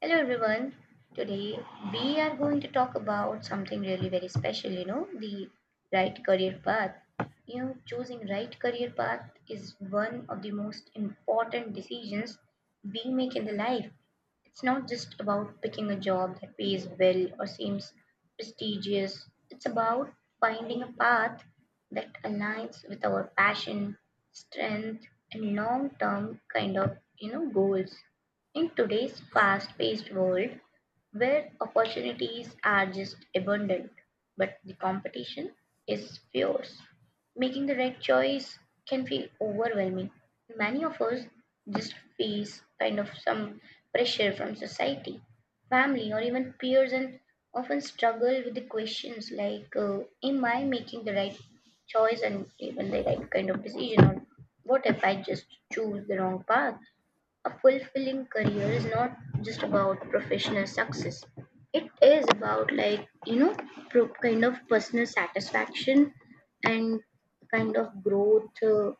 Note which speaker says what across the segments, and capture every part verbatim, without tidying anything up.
Speaker 1: Hello everyone. Today we are going to talk about something really very special, you know, the right career path. You know, choosing right career path is one of the most important decisions we make in the life. It's not just about picking a job that pays well or seems prestigious. It's about finding a path that aligns with our passion, strength, and long-term kind of, you know, goals. In today's fast-paced world, where opportunities are just abundant, but the competition is fierce, making the right choice can feel overwhelming. Many of us just face kind of some pressure from society, family, or even peers, and often struggle with the questions like, uh, am I making the right choice and even the right kind of decision? Or what if I just choose the wrong path? A fulfilling career is not just about professional success. It is about like you know pro- kind of personal satisfaction and kind of growth, uh,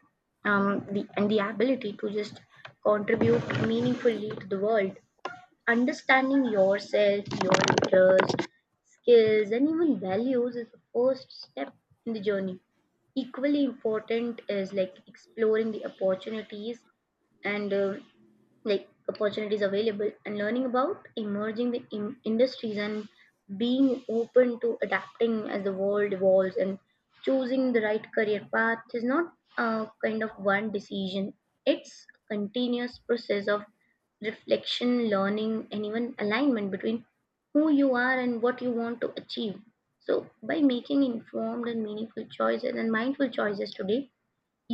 Speaker 1: um, the and the ability to just contribute meaningfully to the world. Understanding yourself, your interests, skills, and even values is the first step in the journey. Equally important is like exploring the opportunities and uh, like opportunities available, and learning about emerging the in- industries, and being open to adapting as the world evolves. And choosing the right career path is not a kind of one decision. It's a continuous process of reflection, learning, and even alignment between who you are and what you want to achieve. So by making informed and meaningful choices and mindful choices today,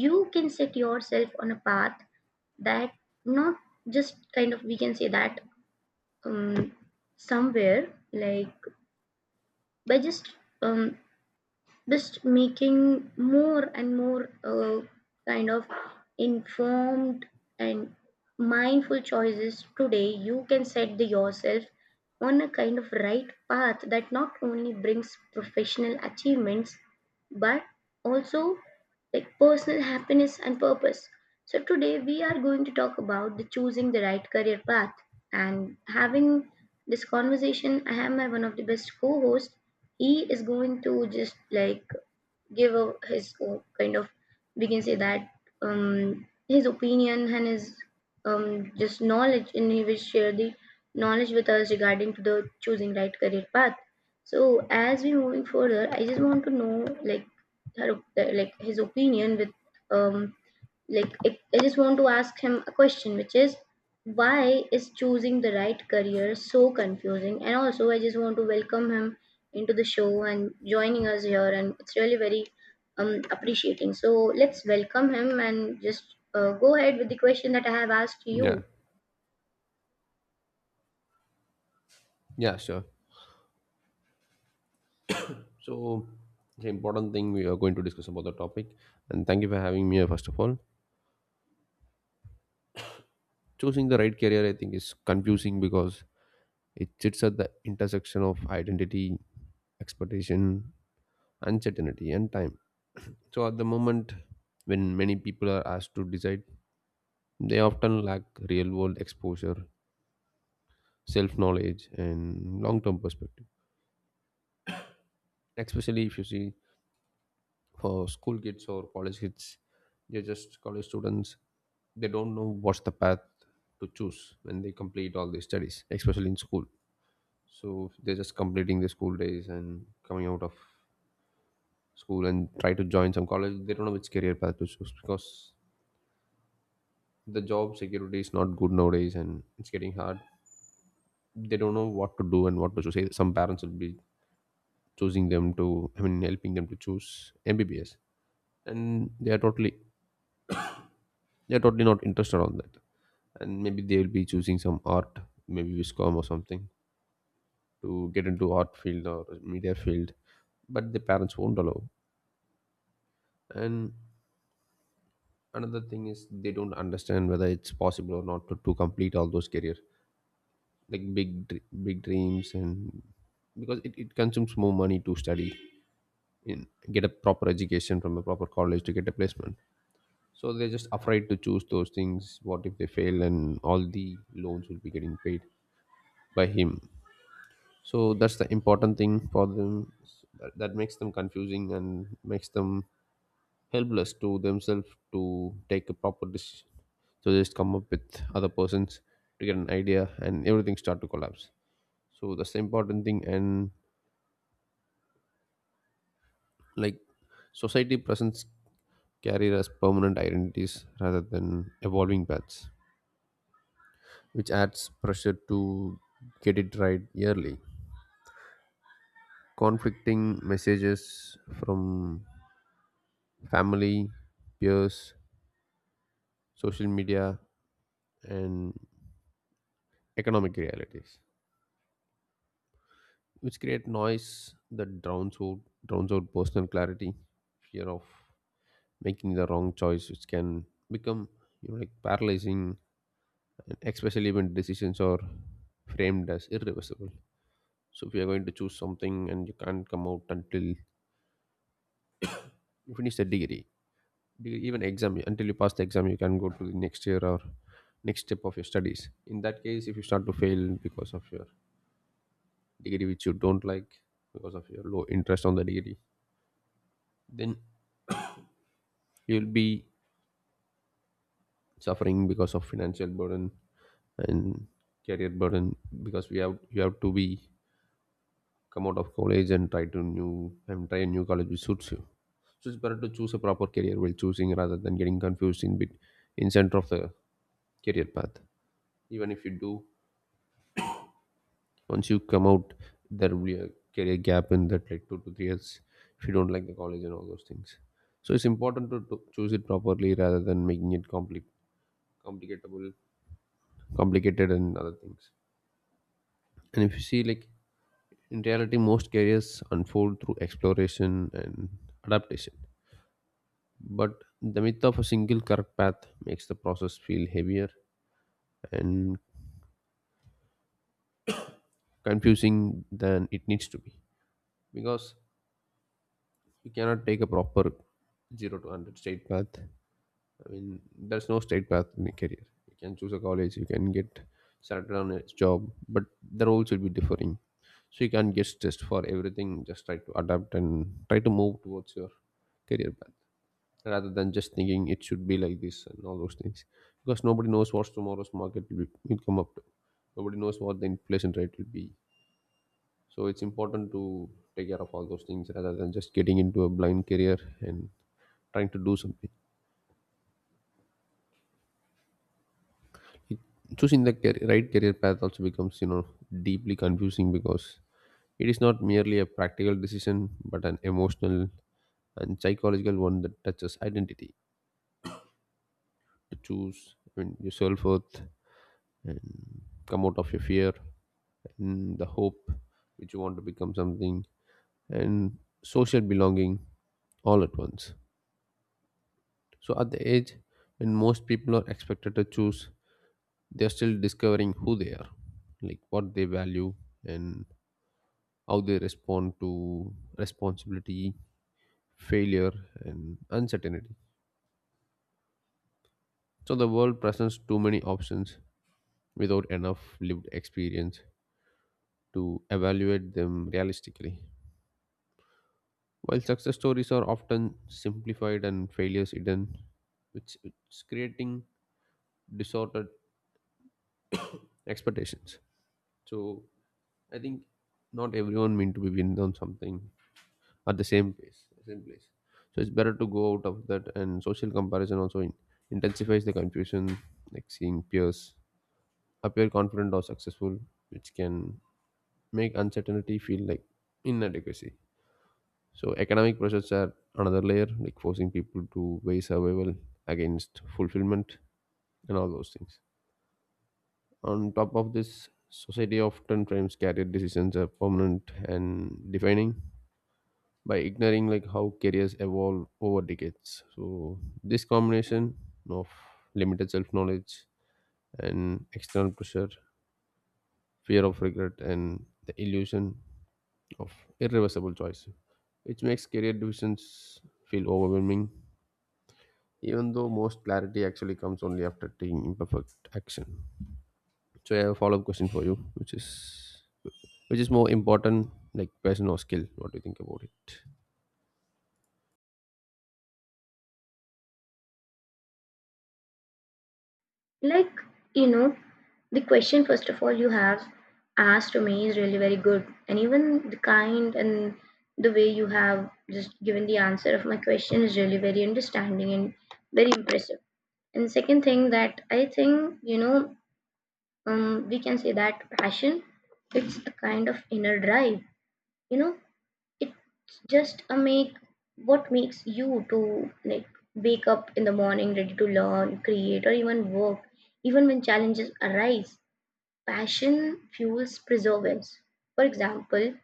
Speaker 1: you can set yourself on a path that not just kind of we can say that um, somewhere like by just um, just making more and more uh, kind of informed and mindful choices today, you can set the yourself on a kind of right path that not only brings professional achievements but also like personal happiness and purpose. So today we are going to talk about the choosing the right career path, and having this conversation I have my one of the best co-hosts. He is going to just like give a, his o- kind of we can say that um, his opinion and his um, just knowledge, and he will share the knowledge with us regarding to the choosing right career path. So as we moving further I just want to know like her, op- like his opinion with um, like I I just want to ask him a question, which is why is choosing the right career so confusing? And also, I just want to welcome him into the show and joining us here, and it's really very um appreciating. So let's welcome him and just uh, go ahead with the question that I have asked you.
Speaker 2: Yeah, yeah, sure. So, the important thing we are going to discuss about the topic, and thank you for having me here, first of all. Choosing the right career, I think, is confusing because it sits at the intersection of identity, expectation, uncertainty, and time. So, at the moment when many people are asked to decide, they often lack real world exposure, self knowledge, and long term perspective, especially if you see for school kids or college kids, they're just college students, they don't know what's the path to choose when they complete all their studies, especially in school. So they're just completing their school days and coming out of school and try to join some college. They don't know which career path to choose because the job security is not good nowadays and it's getting hard. They don't know what to do and what to choose. Some parents will be choosing them to, I mean, helping them to choose mbbs, and they are totally, they are totally not interested on that. And maybe they will be choosing some art, maybe viscom or something, to get into art field or media field, but the parents won't allow. And another thing is they don't understand whether it's possible or not to, to complete all those career, like big dr- big dreams, and because it, it consumes more money to study in, get a proper education from a proper college to get a placement. So they're just afraid to choose those things. What if they fail and all the loans will be getting paid by him? So that's the important thing for them, that, that makes them confusing and makes them helpless to themselves to take a proper decision. So they just come up with other persons to get an idea and everything start to collapse. So that's the important thing. And like, society presents carrier as permanent identities rather than evolving paths, which adds pressure to get it right yearly, conflicting messages from family, peers, social media, and economic realities, which create noise that drowns out, drowns out personal clarity, fear of making the wrong choice, which can become, you know, like paralyzing, and especially when decisions are framed as irreversible. So if you are going to choose something and you can't come out until you finish the degree, degree- even exam, until you pass the exam, you can go to the next year or next step of your studies. In that case, if you start to fail because of your degree which you don't like, because of your low interest on the degree, then you'll be suffering because of financial burden and career burden, because we have, you have to be come out of college and try to new and try a new college which suits you. So it's better to choose a proper career while choosing rather than getting confused in bit in center of the career path. Even if you do, once you come out, there will be a career gap in that, like two to three years, if you don't like the college and all those things. So it's important to, to choose it properly rather than making it compli- complicatable complicated and other things. And if you see, like, in reality most careers unfold through exploration and adaptation, but the myth of a single correct path makes the process feel heavier and confusing than it needs to be, because you cannot take a proper zero to one hundred straight path. I mean, there's no straight path in a career. You can choose a college, you can get started on a job, but the roles will be differing. So you can't get stressed for everything. Just try to adapt and try to move towards your career path rather than just thinking it should be like this and all those things. Because nobody knows what tomorrow's market will, be, will come up to. Nobody knows what the inflation rate will be. So it's important to take care of all those things rather than just getting into a blind career and trying to do something. It, choosing the car- right career path also becomes, you know, deeply confusing because it is not merely a practical decision but an emotional and psychological one that touches identity to choose I mean, your self-worth, and come out of your fear and the hope which you want to become something, and social belonging, all at once. So at the age when most people are expected to choose, they are still discovering who they are, like what they value and how they respond to responsibility, failure, and uncertainty. So the world presents too many options without enough lived experience to evaluate them realistically, while success stories are often simplified and failures hidden, which it's creating distorted expectations. So I think not everyone meant to be winned on something at the same place, same place. So it's better to go out of that. And social comparison also in, intensifies the confusion, like seeing peers appear confident or successful, which can make uncertainty feel like inadequacy. So economic pressures are another layer, like forcing people to weigh survival against fulfillment and all those things. On top of this, society often frames career decisions as permanent and defining, by ignoring like how careers evolve over decades. So this combination of limited self knowledge and external pressure, fear of regret, and the illusion of irreversible choice, which makes career decisions feel overwhelming, even though most clarity actually comes only after taking imperfect action. So I have a follow-up question for you, which is which is more important, like passion or skill? What do you think about it?
Speaker 1: Like, you know, the question, first of all, you have asked to me is really very good. And even the kind and the way you have just given the answer of my question is really very understanding and very impressive. And second thing that I think, you know, um, we can say that passion, it's a kind of inner drive. You know, it's just a make what makes you to like wake up in the morning ready to learn, create, or even work. Even when challenges arise, passion fuels perseverance. For example,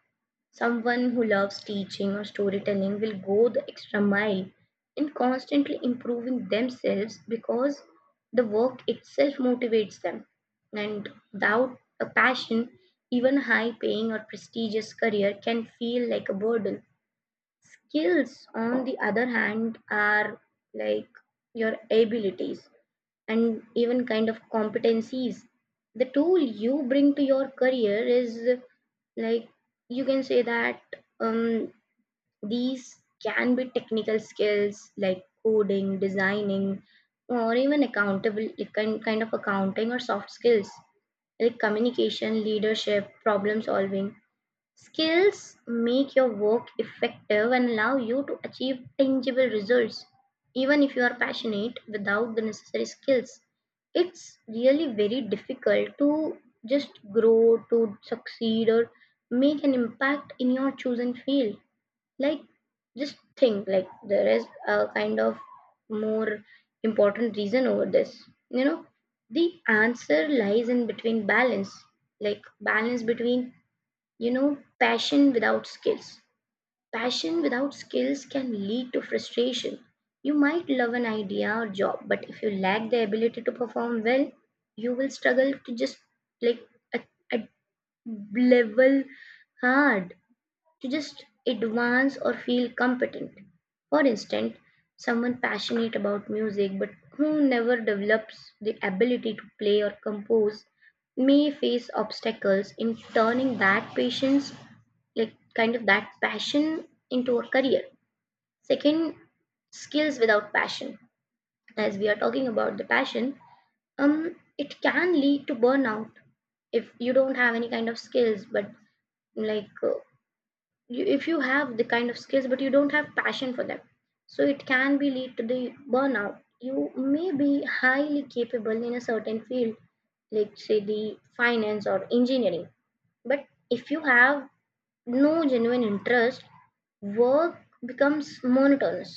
Speaker 1: someone who loves teaching or storytelling will go the extra mile in constantly improving themselves, because the work itself motivates them. And without a passion, even high paying or prestigious career can feel like a burden. Skills, on the other hand, are like your abilities and even kind of competencies. The tool you bring to your career is like you can say that um, these can be technical skills like coding, designing, or even accountable like, kind kind of accounting, or soft skills like communication, leadership, problem solving. Skills make your work effective and allow you to achieve tangible results, even if you are passionate without the necessary skills. It's really very difficult to just grow, to succeed, or make an impact in your chosen field. Like, just think like there is a kind of more important reason over this. You know, the answer lies in between balance, like balance between you know passion without skills. Passion without skills can lead to frustration. You might love an idea or job, but if you lack the ability to perform well, you will struggle to just like at, at level hard to just advance or feel competent. For instance, someone passionate about music but who never develops the ability to play or compose may face obstacles in turning that patience, like kind of that passion, into a career. Second, skills without passion. As we are talking about the passion, um, it can lead to burnout. If you don't have any kind of skills, but like uh, you, if you have the kind of skills but you don't have passion for them, so it can be lead to the burnout. You may be highly capable in a certain field like say the finance or engineering, but if you have no genuine interest, work becomes monotonous,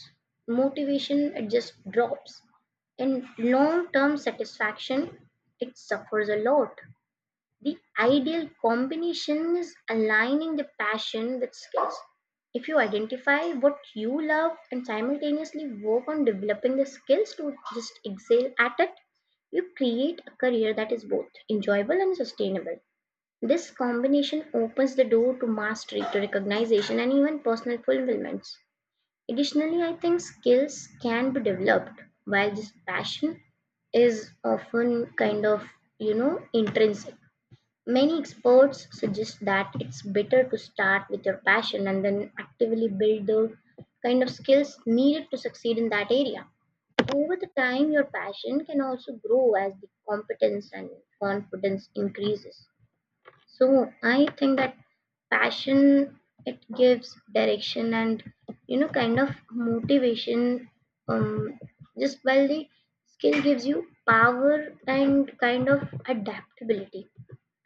Speaker 1: motivation it just drops, and long term satisfaction it suffers a lot. The ideal combination is aligning the passion with skills. If you identify what you love and simultaneously work on developing the skills to just excel at it, you create a career that is both enjoyable and sustainable. This combination opens the door to mastery, to recognition, and even personal fulfillments. Additionally, I think skills can be developed while this passion is often kind of, you know, intrinsic. Many experts suggest that it's better to start with your passion and then actively build the kind of skills needed to succeed in that area. Over the time, your passion can also grow as the competence and confidence increases. So I think that passion, it gives direction and you know kind of motivation, um, just while the skill gives you power and kind of adaptability.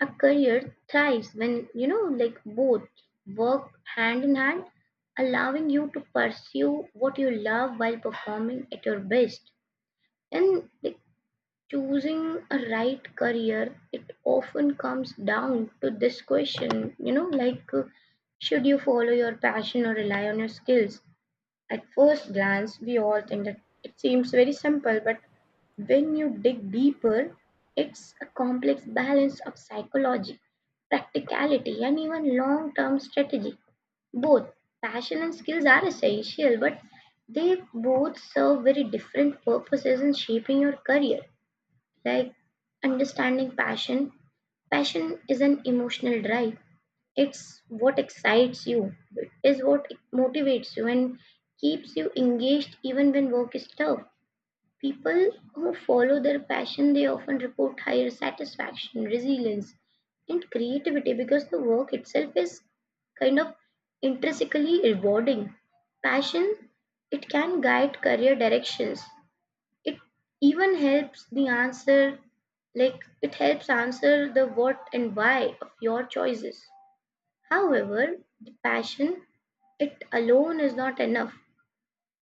Speaker 1: A career thrives when, you know, like both work hand in hand, allowing you to pursue what you love while performing at your best. And like choosing a right career, it often comes down to this question, you know, like uh, should you follow your passion or rely on your skills? At first glance, we all think that it seems very simple, but when you dig deeper, it's a complex balance of psychology, practicality, and even long term strategy. Both passion and skills are essential, but they both serve very different purposes in shaping your career. Like understanding passion, passion is an emotional drive. It's what excites you, it is what motivates you and keeps you engaged even when work is tough. People who follow their passion, they often report higher satisfaction, resilience, and creativity because the work itself is kind of intrinsically rewarding. Passion, it can guide career directions. It even helps the answer like it helps answer the what and why of your choices. However, the passion it alone is not enough.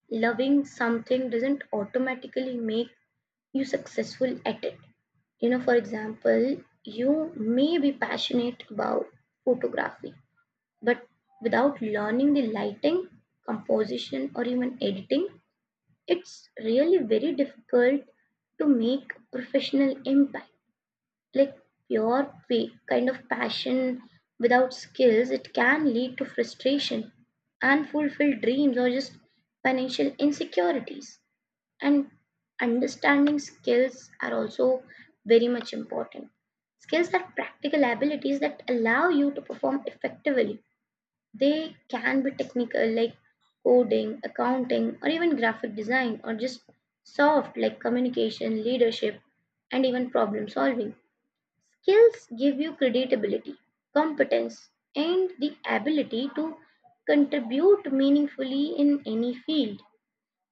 Speaker 1: Loving something doesn't automatically make you successful at it. You know, for example, you may be passionate about photography, but without learning the lighting, composition, or even editing, it's really very difficult to make professional impact. Like pure pa- kind of passion without skills, it can lead to frustration, unfulfilled dreams, or just financial insecurities. And understanding skills are also very much important. Skills are practical abilities that allow you to perform effectively. They can be technical, like coding, accounting, or even graphic design, or just soft, like communication, leadership, and even problem solving. Skills give you credibility, competence, and the ability to contribute meaningfully in any field.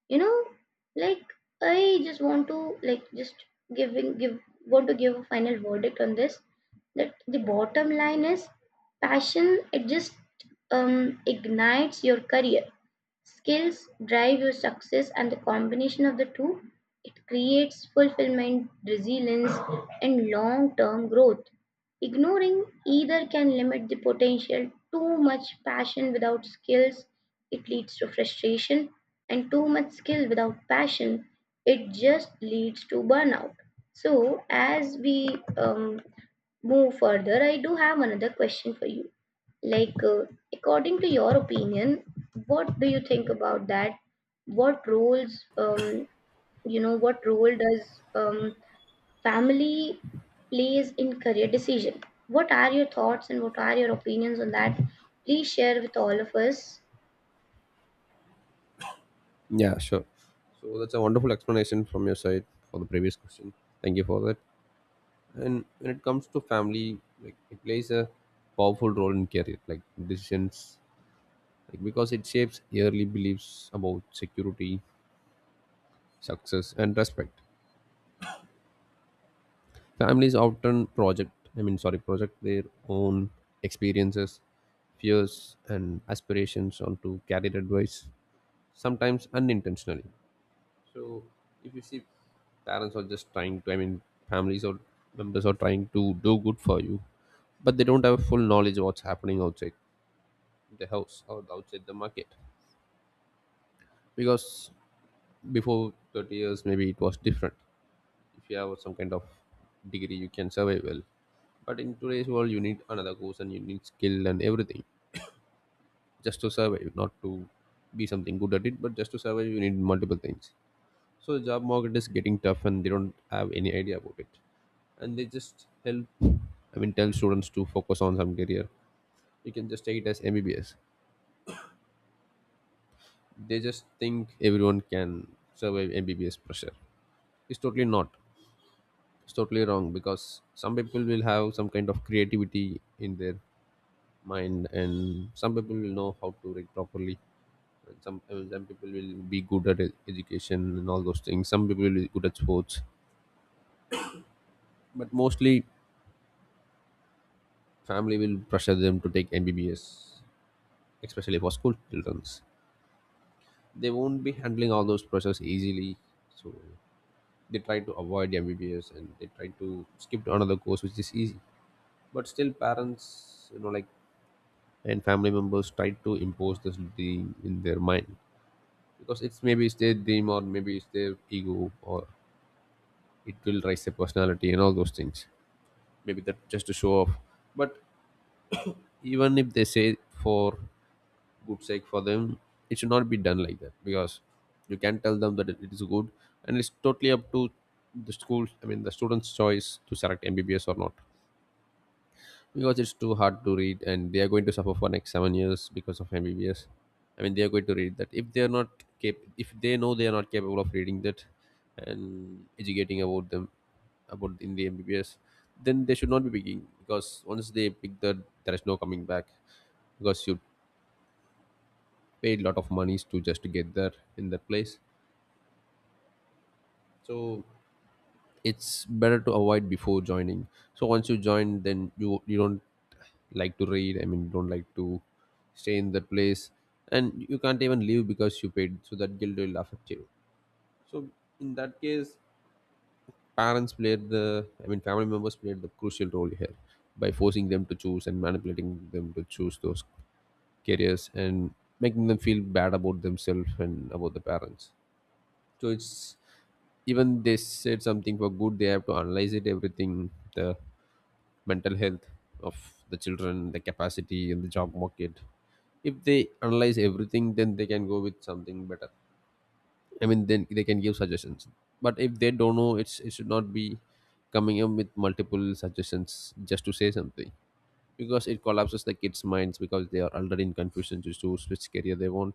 Speaker 1: You know, like I just want to like just giving give want to give a final verdict on this, that the bottom line is passion it just um, ignites your career. Skills drive your success, and the combination of the two, it creates fulfillment, resilience, and long-term growth. Ignoring either can limit the potential. Too much passion without skills, it leads to frustration, and too much skill without passion, it just leads to burnout. So, as we um, move further, I do have another question for you. Like, uh, according to your opinion, what do you think about that? What roles, um, you know, what role does um, family plays in career decision? What are your thoughts and what are your opinions on that? Please share with all of us.
Speaker 2: Yeah, sure. So that's a wonderful explanation from your side for the previous question. Thank you for that. And when it comes to family, like it plays a powerful role in career, like decisions, like because it shapes early beliefs about security, success, and respect. Families often project, I mean, sorry, project their own experiences, fears, and aspirations onto career advice, sometimes unintentionally. So if you see, parents are just trying to, I mean, families or members are trying to do good for you, but they don't have full knowledge of what's happening outside the house or outside the market. Because before thirty years maybe it was different. If you have some kind of degree you can survive well, but in today's world you need another course and you need skill and everything just to survive, not to be something good at it, but just to survive you need multiple things. So the job market is getting tough and they don't have any idea about it, and they just help, I mean, tell students to focus on some career. You can just take it as mbbs. They just think everyone can survive mbbs pressure. It's totally not, it's totally wrong, because some people will have some kind of creativity in their mind, and some people will know how to read properly, and some I some people will be good at e- education and all those things. Some people will be good at sports, but mostly family will pressure them to take mbbs, especially for school children. They won't be handling all those process easily. So they try to avoid mbbs and they try to skip to another course which is easy. But still parents, you know, like, and family members try to impose this dream in their mind, because it's, maybe it's their dream or maybe it's their ego, or it will raise their personality and all those things, maybe that, just to show off. But even if they say for good sake for them, it should not be done like that, because you can tell them that it it is good, and it's totally up to the school, I mean, the students choice to select mbbs or not. Because it's too hard to read and they are going to suffer for next seven years because of mbbs. I mean, they are going to read that, if they are not cap- if they know they are not capable of reading that and educating about them, about in the mbbs, then they should not be picking. Because once they pick that, there is no coming back, because you paid a lot of monies to just get there, in that place. So it's better to avoid before joining. So once you join, then you you don't like to read, I mean, you don't like to stay in that place, and you can't even leave because you paid, so that guilt will affect you. So in that case, parents played the, I mean, family members played the crucial role here, by forcing them to choose and manipulating them to choose those careers, and making them feel bad about themselves and about the parents. So it's, even they said something for good, they have to analyze it everything, the mental health of the children, the capacity In the job market, if they analyze everything, then they can go with something better. I mean, then they can give suggestions. But if they don't know, it's it should not be coming up with multiple suggestions just to say something, because it collapses the kids' minds. Because they are already in confusion just to switch career they want,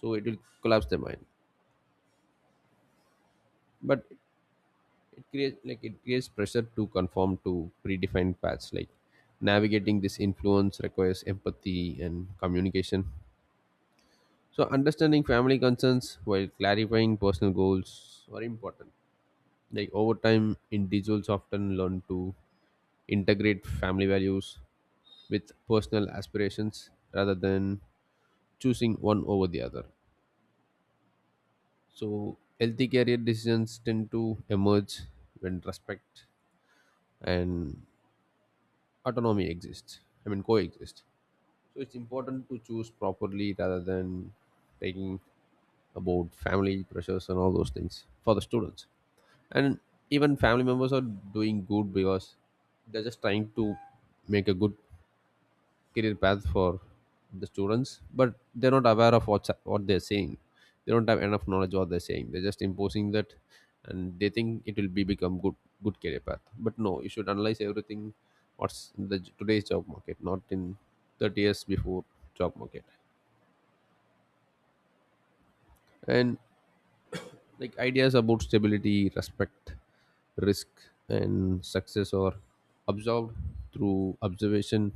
Speaker 2: so it will collapse their mind. But it creates, like, it creates pressure to conform to predefined paths. Like, navigating this influence requires empathy and communication, so understanding family concerns while clarifying personal goals are important. Like, over time individuals often learn to integrate family values with personal aspirations rather than choosing one over the other. So healthy career decisions tend to emerge when respect and autonomy exists, I mean coexist. So it's important to choose properly rather than taking about family pressures and all those things for the students. And even family members are doing good, because they're just trying to make a good career path for the students, but they're not aware of what's what they're saying. They don't have enough knowledge what they're saying. They're just imposing that, and they think it will be become good good career path. But no, you should analyze everything what's in the j- today's job market, not in thirty years before job market. And, like, ideas about stability, respect, risk, and success are absorbed through observation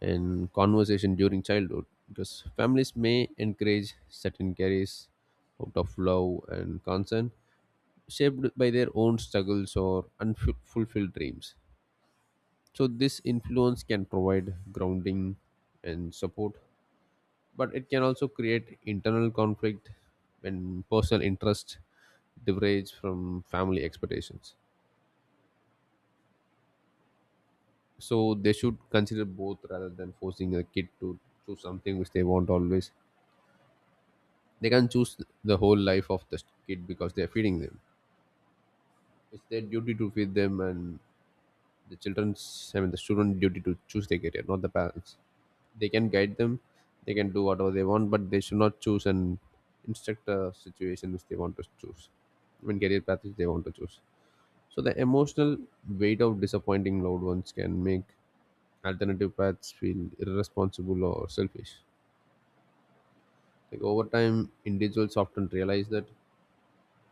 Speaker 2: and conversation during childhood, because families may encourage certain careers out of love and concern, shaped by their own struggles or unfulfilled dreams. So this influence can provide grounding and support, but it can also create internal conflict when personal interest diverge from family expectations. So they should consider both rather than forcing a kid to choose something which they want always. They can't choose the whole life of the kid because they're feeding them. It's their duty to feed them, and the children's, I mean the student duty to choose their career, not the parents. They can guide them, they can do whatever they want, but they should not choose and instruct a situation which they want to choose, I mean career path which they want to choose. So the emotional weight of disappointing loved ones can make alternative paths feel irresponsible or selfish. Like, over time, individuals often realize that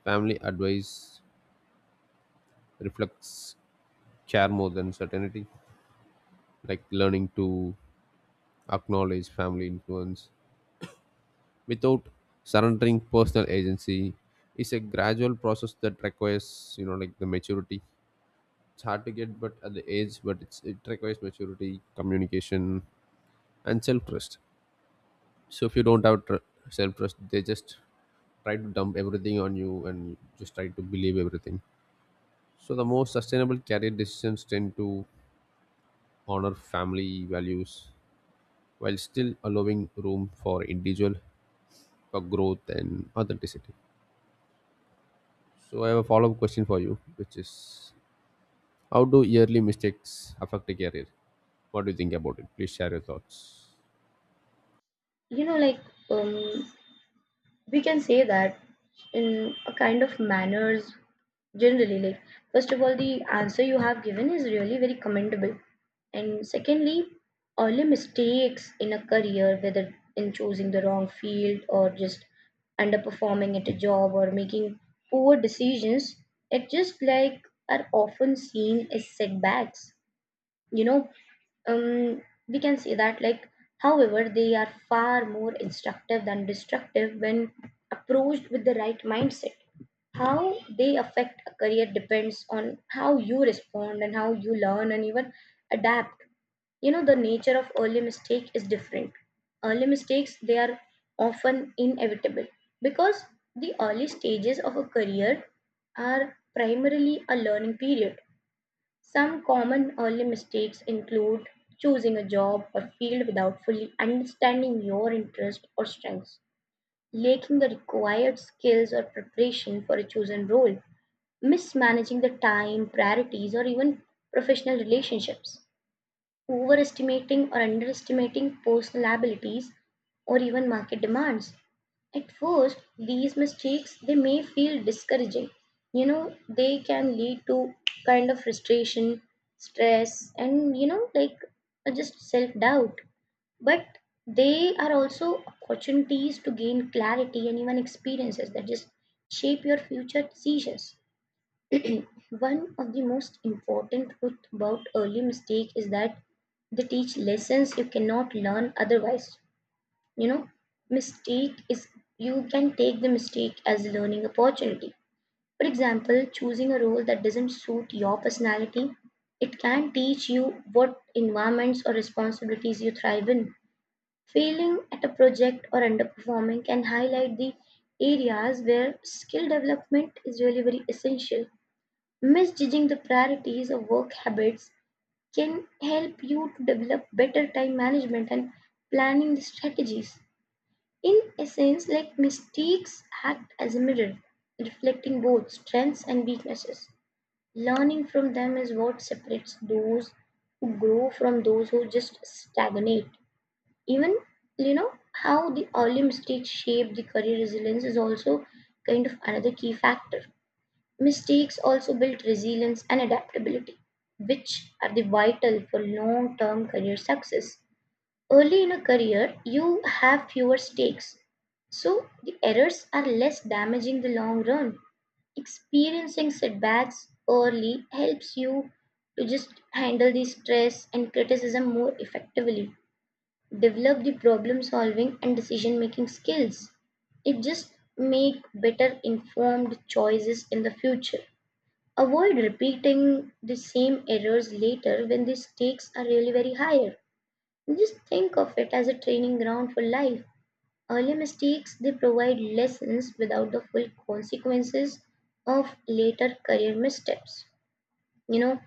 Speaker 2: family advice reflects care more than certainty. Like, learning to acknowledge family influence without surrendering personal agency is a gradual process that requires, you know, like, the maturity. It's hard to get, but at the age, but it's, it requires maturity, communication, and self trust. So if you don't have tr- self trust, they just try to dump everything on you and just try to believe everything. So the most sustainable career decisions tend to honor family values while still allowing room for individual for growth and authenticity. So I have a follow-up question for you, which is how do yearly mistakes affect a career? What do you think about it? Please share your thoughts.
Speaker 1: You know, like, um, we can say that in a kind of manners generally like first of all, the answer you have given is really very commendable. And secondly, early mistakes in a career, whether in choosing the wrong field or just underperforming at a job or making poor decisions, it just like are often seen as setbacks. you know um, we can see that like, however, they are far more instructive than destructive when approached with the right mindset. How they affect a career depends on how you respond and how you learn and even adapt. You know, the nature of early mistake is different. Early mistakes, they are often inevitable because the early stages of a career are primarily a learning period. Some common early mistakes include choosing a job or field without fully understanding your interests or strengths, lacking the required skills or preparation for a chosen role, mismanaging the time, priorities, or even professional relationships, overestimating or underestimating personal abilities or even market demands. At first, these mistakes they may feel discouraging. You know, they can lead to kind of frustration, stress, and you know, like uh, just self-doubt. But they are also opportunities to gain clarity and even experiences that just shape your future decisions. One of the most important truths about early mistake is that they teach lessons you cannot learn otherwise. You know, mistake is, you can take the mistake as a learning opportunity. For example, choosing a role that doesn't suit your personality, it can teach you what environments or responsibilities you thrive in. Failing at a project or underperforming can highlight the areas where skill development is really very essential. Misjudging the priorities of work habits can help you to develop better time management and planning strategies. In essence, like, mistakes act as a mirror, reflecting both strengths and weaknesses. Learning from them is what separates those who grow from those who just stagnate. Even, you know, how the early mistakes shape the career resilience is also kind of another key factor. Mistakes also build resilience and adaptability, which are the vital for long term career success. Early in a career, you have fewer stakes, so the errors are less damaging the long run. Experiencing setbacks early helps you to just handle the stress and criticism more effectively. Develop the problem solving and decision making skills. It just make better informed choices in the future. Avoid repeating the same errors later when the stakes are really very higher. Just think of it as a training ground for life. Early mistakes, they provide lessons without the full consequences of later career missteps. You know,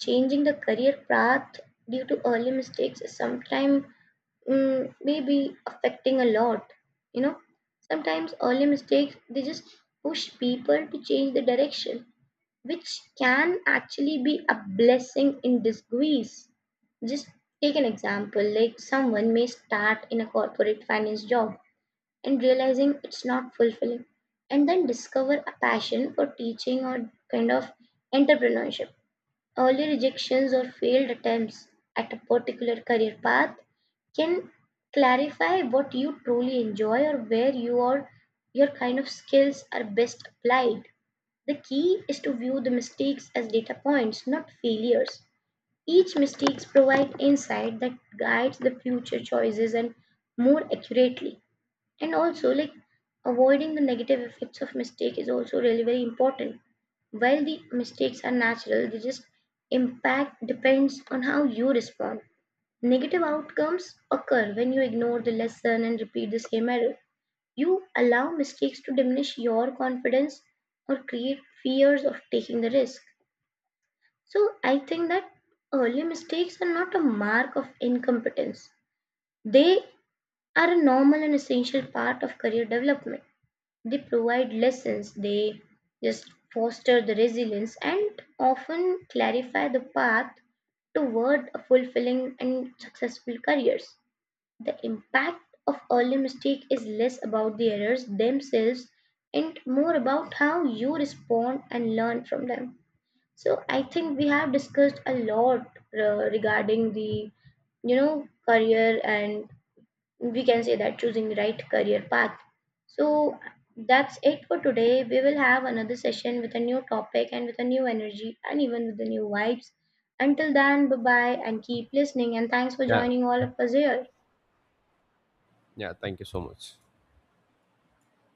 Speaker 1: changing the career path due to early mistakes is sometimes mm, maybe affecting a lot. You know, sometimes early mistakes, they just push people to change the direction, which can actually be a blessing in disguise. Just take an example, like someone may start in a corporate finance job and realizing it's not fulfilling, and then discover a passion for teaching or kind of entrepreneurship. Early rejections or failed attempts at a particular career path can clarify what you truly enjoy or where you are, your kind of skills are best applied. The key is to view the mistakes as data points, not failures. Each mistakes provide insight that guides the future choices and more accurately. And also like avoiding the negative effects of mistake is also really very important. While the mistakes are natural, they just impact depends on how you respond. Negative outcomes occur when you ignore the lesson and repeat the same error. You allow mistakes to diminish your confidence or create fears of taking the risk. So I think that early mistakes are not a mark of incompetence. They are a normal and essential part of career development. They provide lessons, they just foster the resilience and often clarify the path toward a fulfilling and successful careers. The impact of early mistake is less about the errors themselves and more about how you respond and learn from them. So I think we have discussed a lot uh, regarding the, you know, career, and we can say that choosing the right career path. So that's it for today. We will have another session with a new topic and with a new energy and even with the new vibes. Until then, bye bye and keep listening, and thanks for
Speaker 2: Yeah.
Speaker 1: joining all of us here.
Speaker 2: Yeah, thank you so much.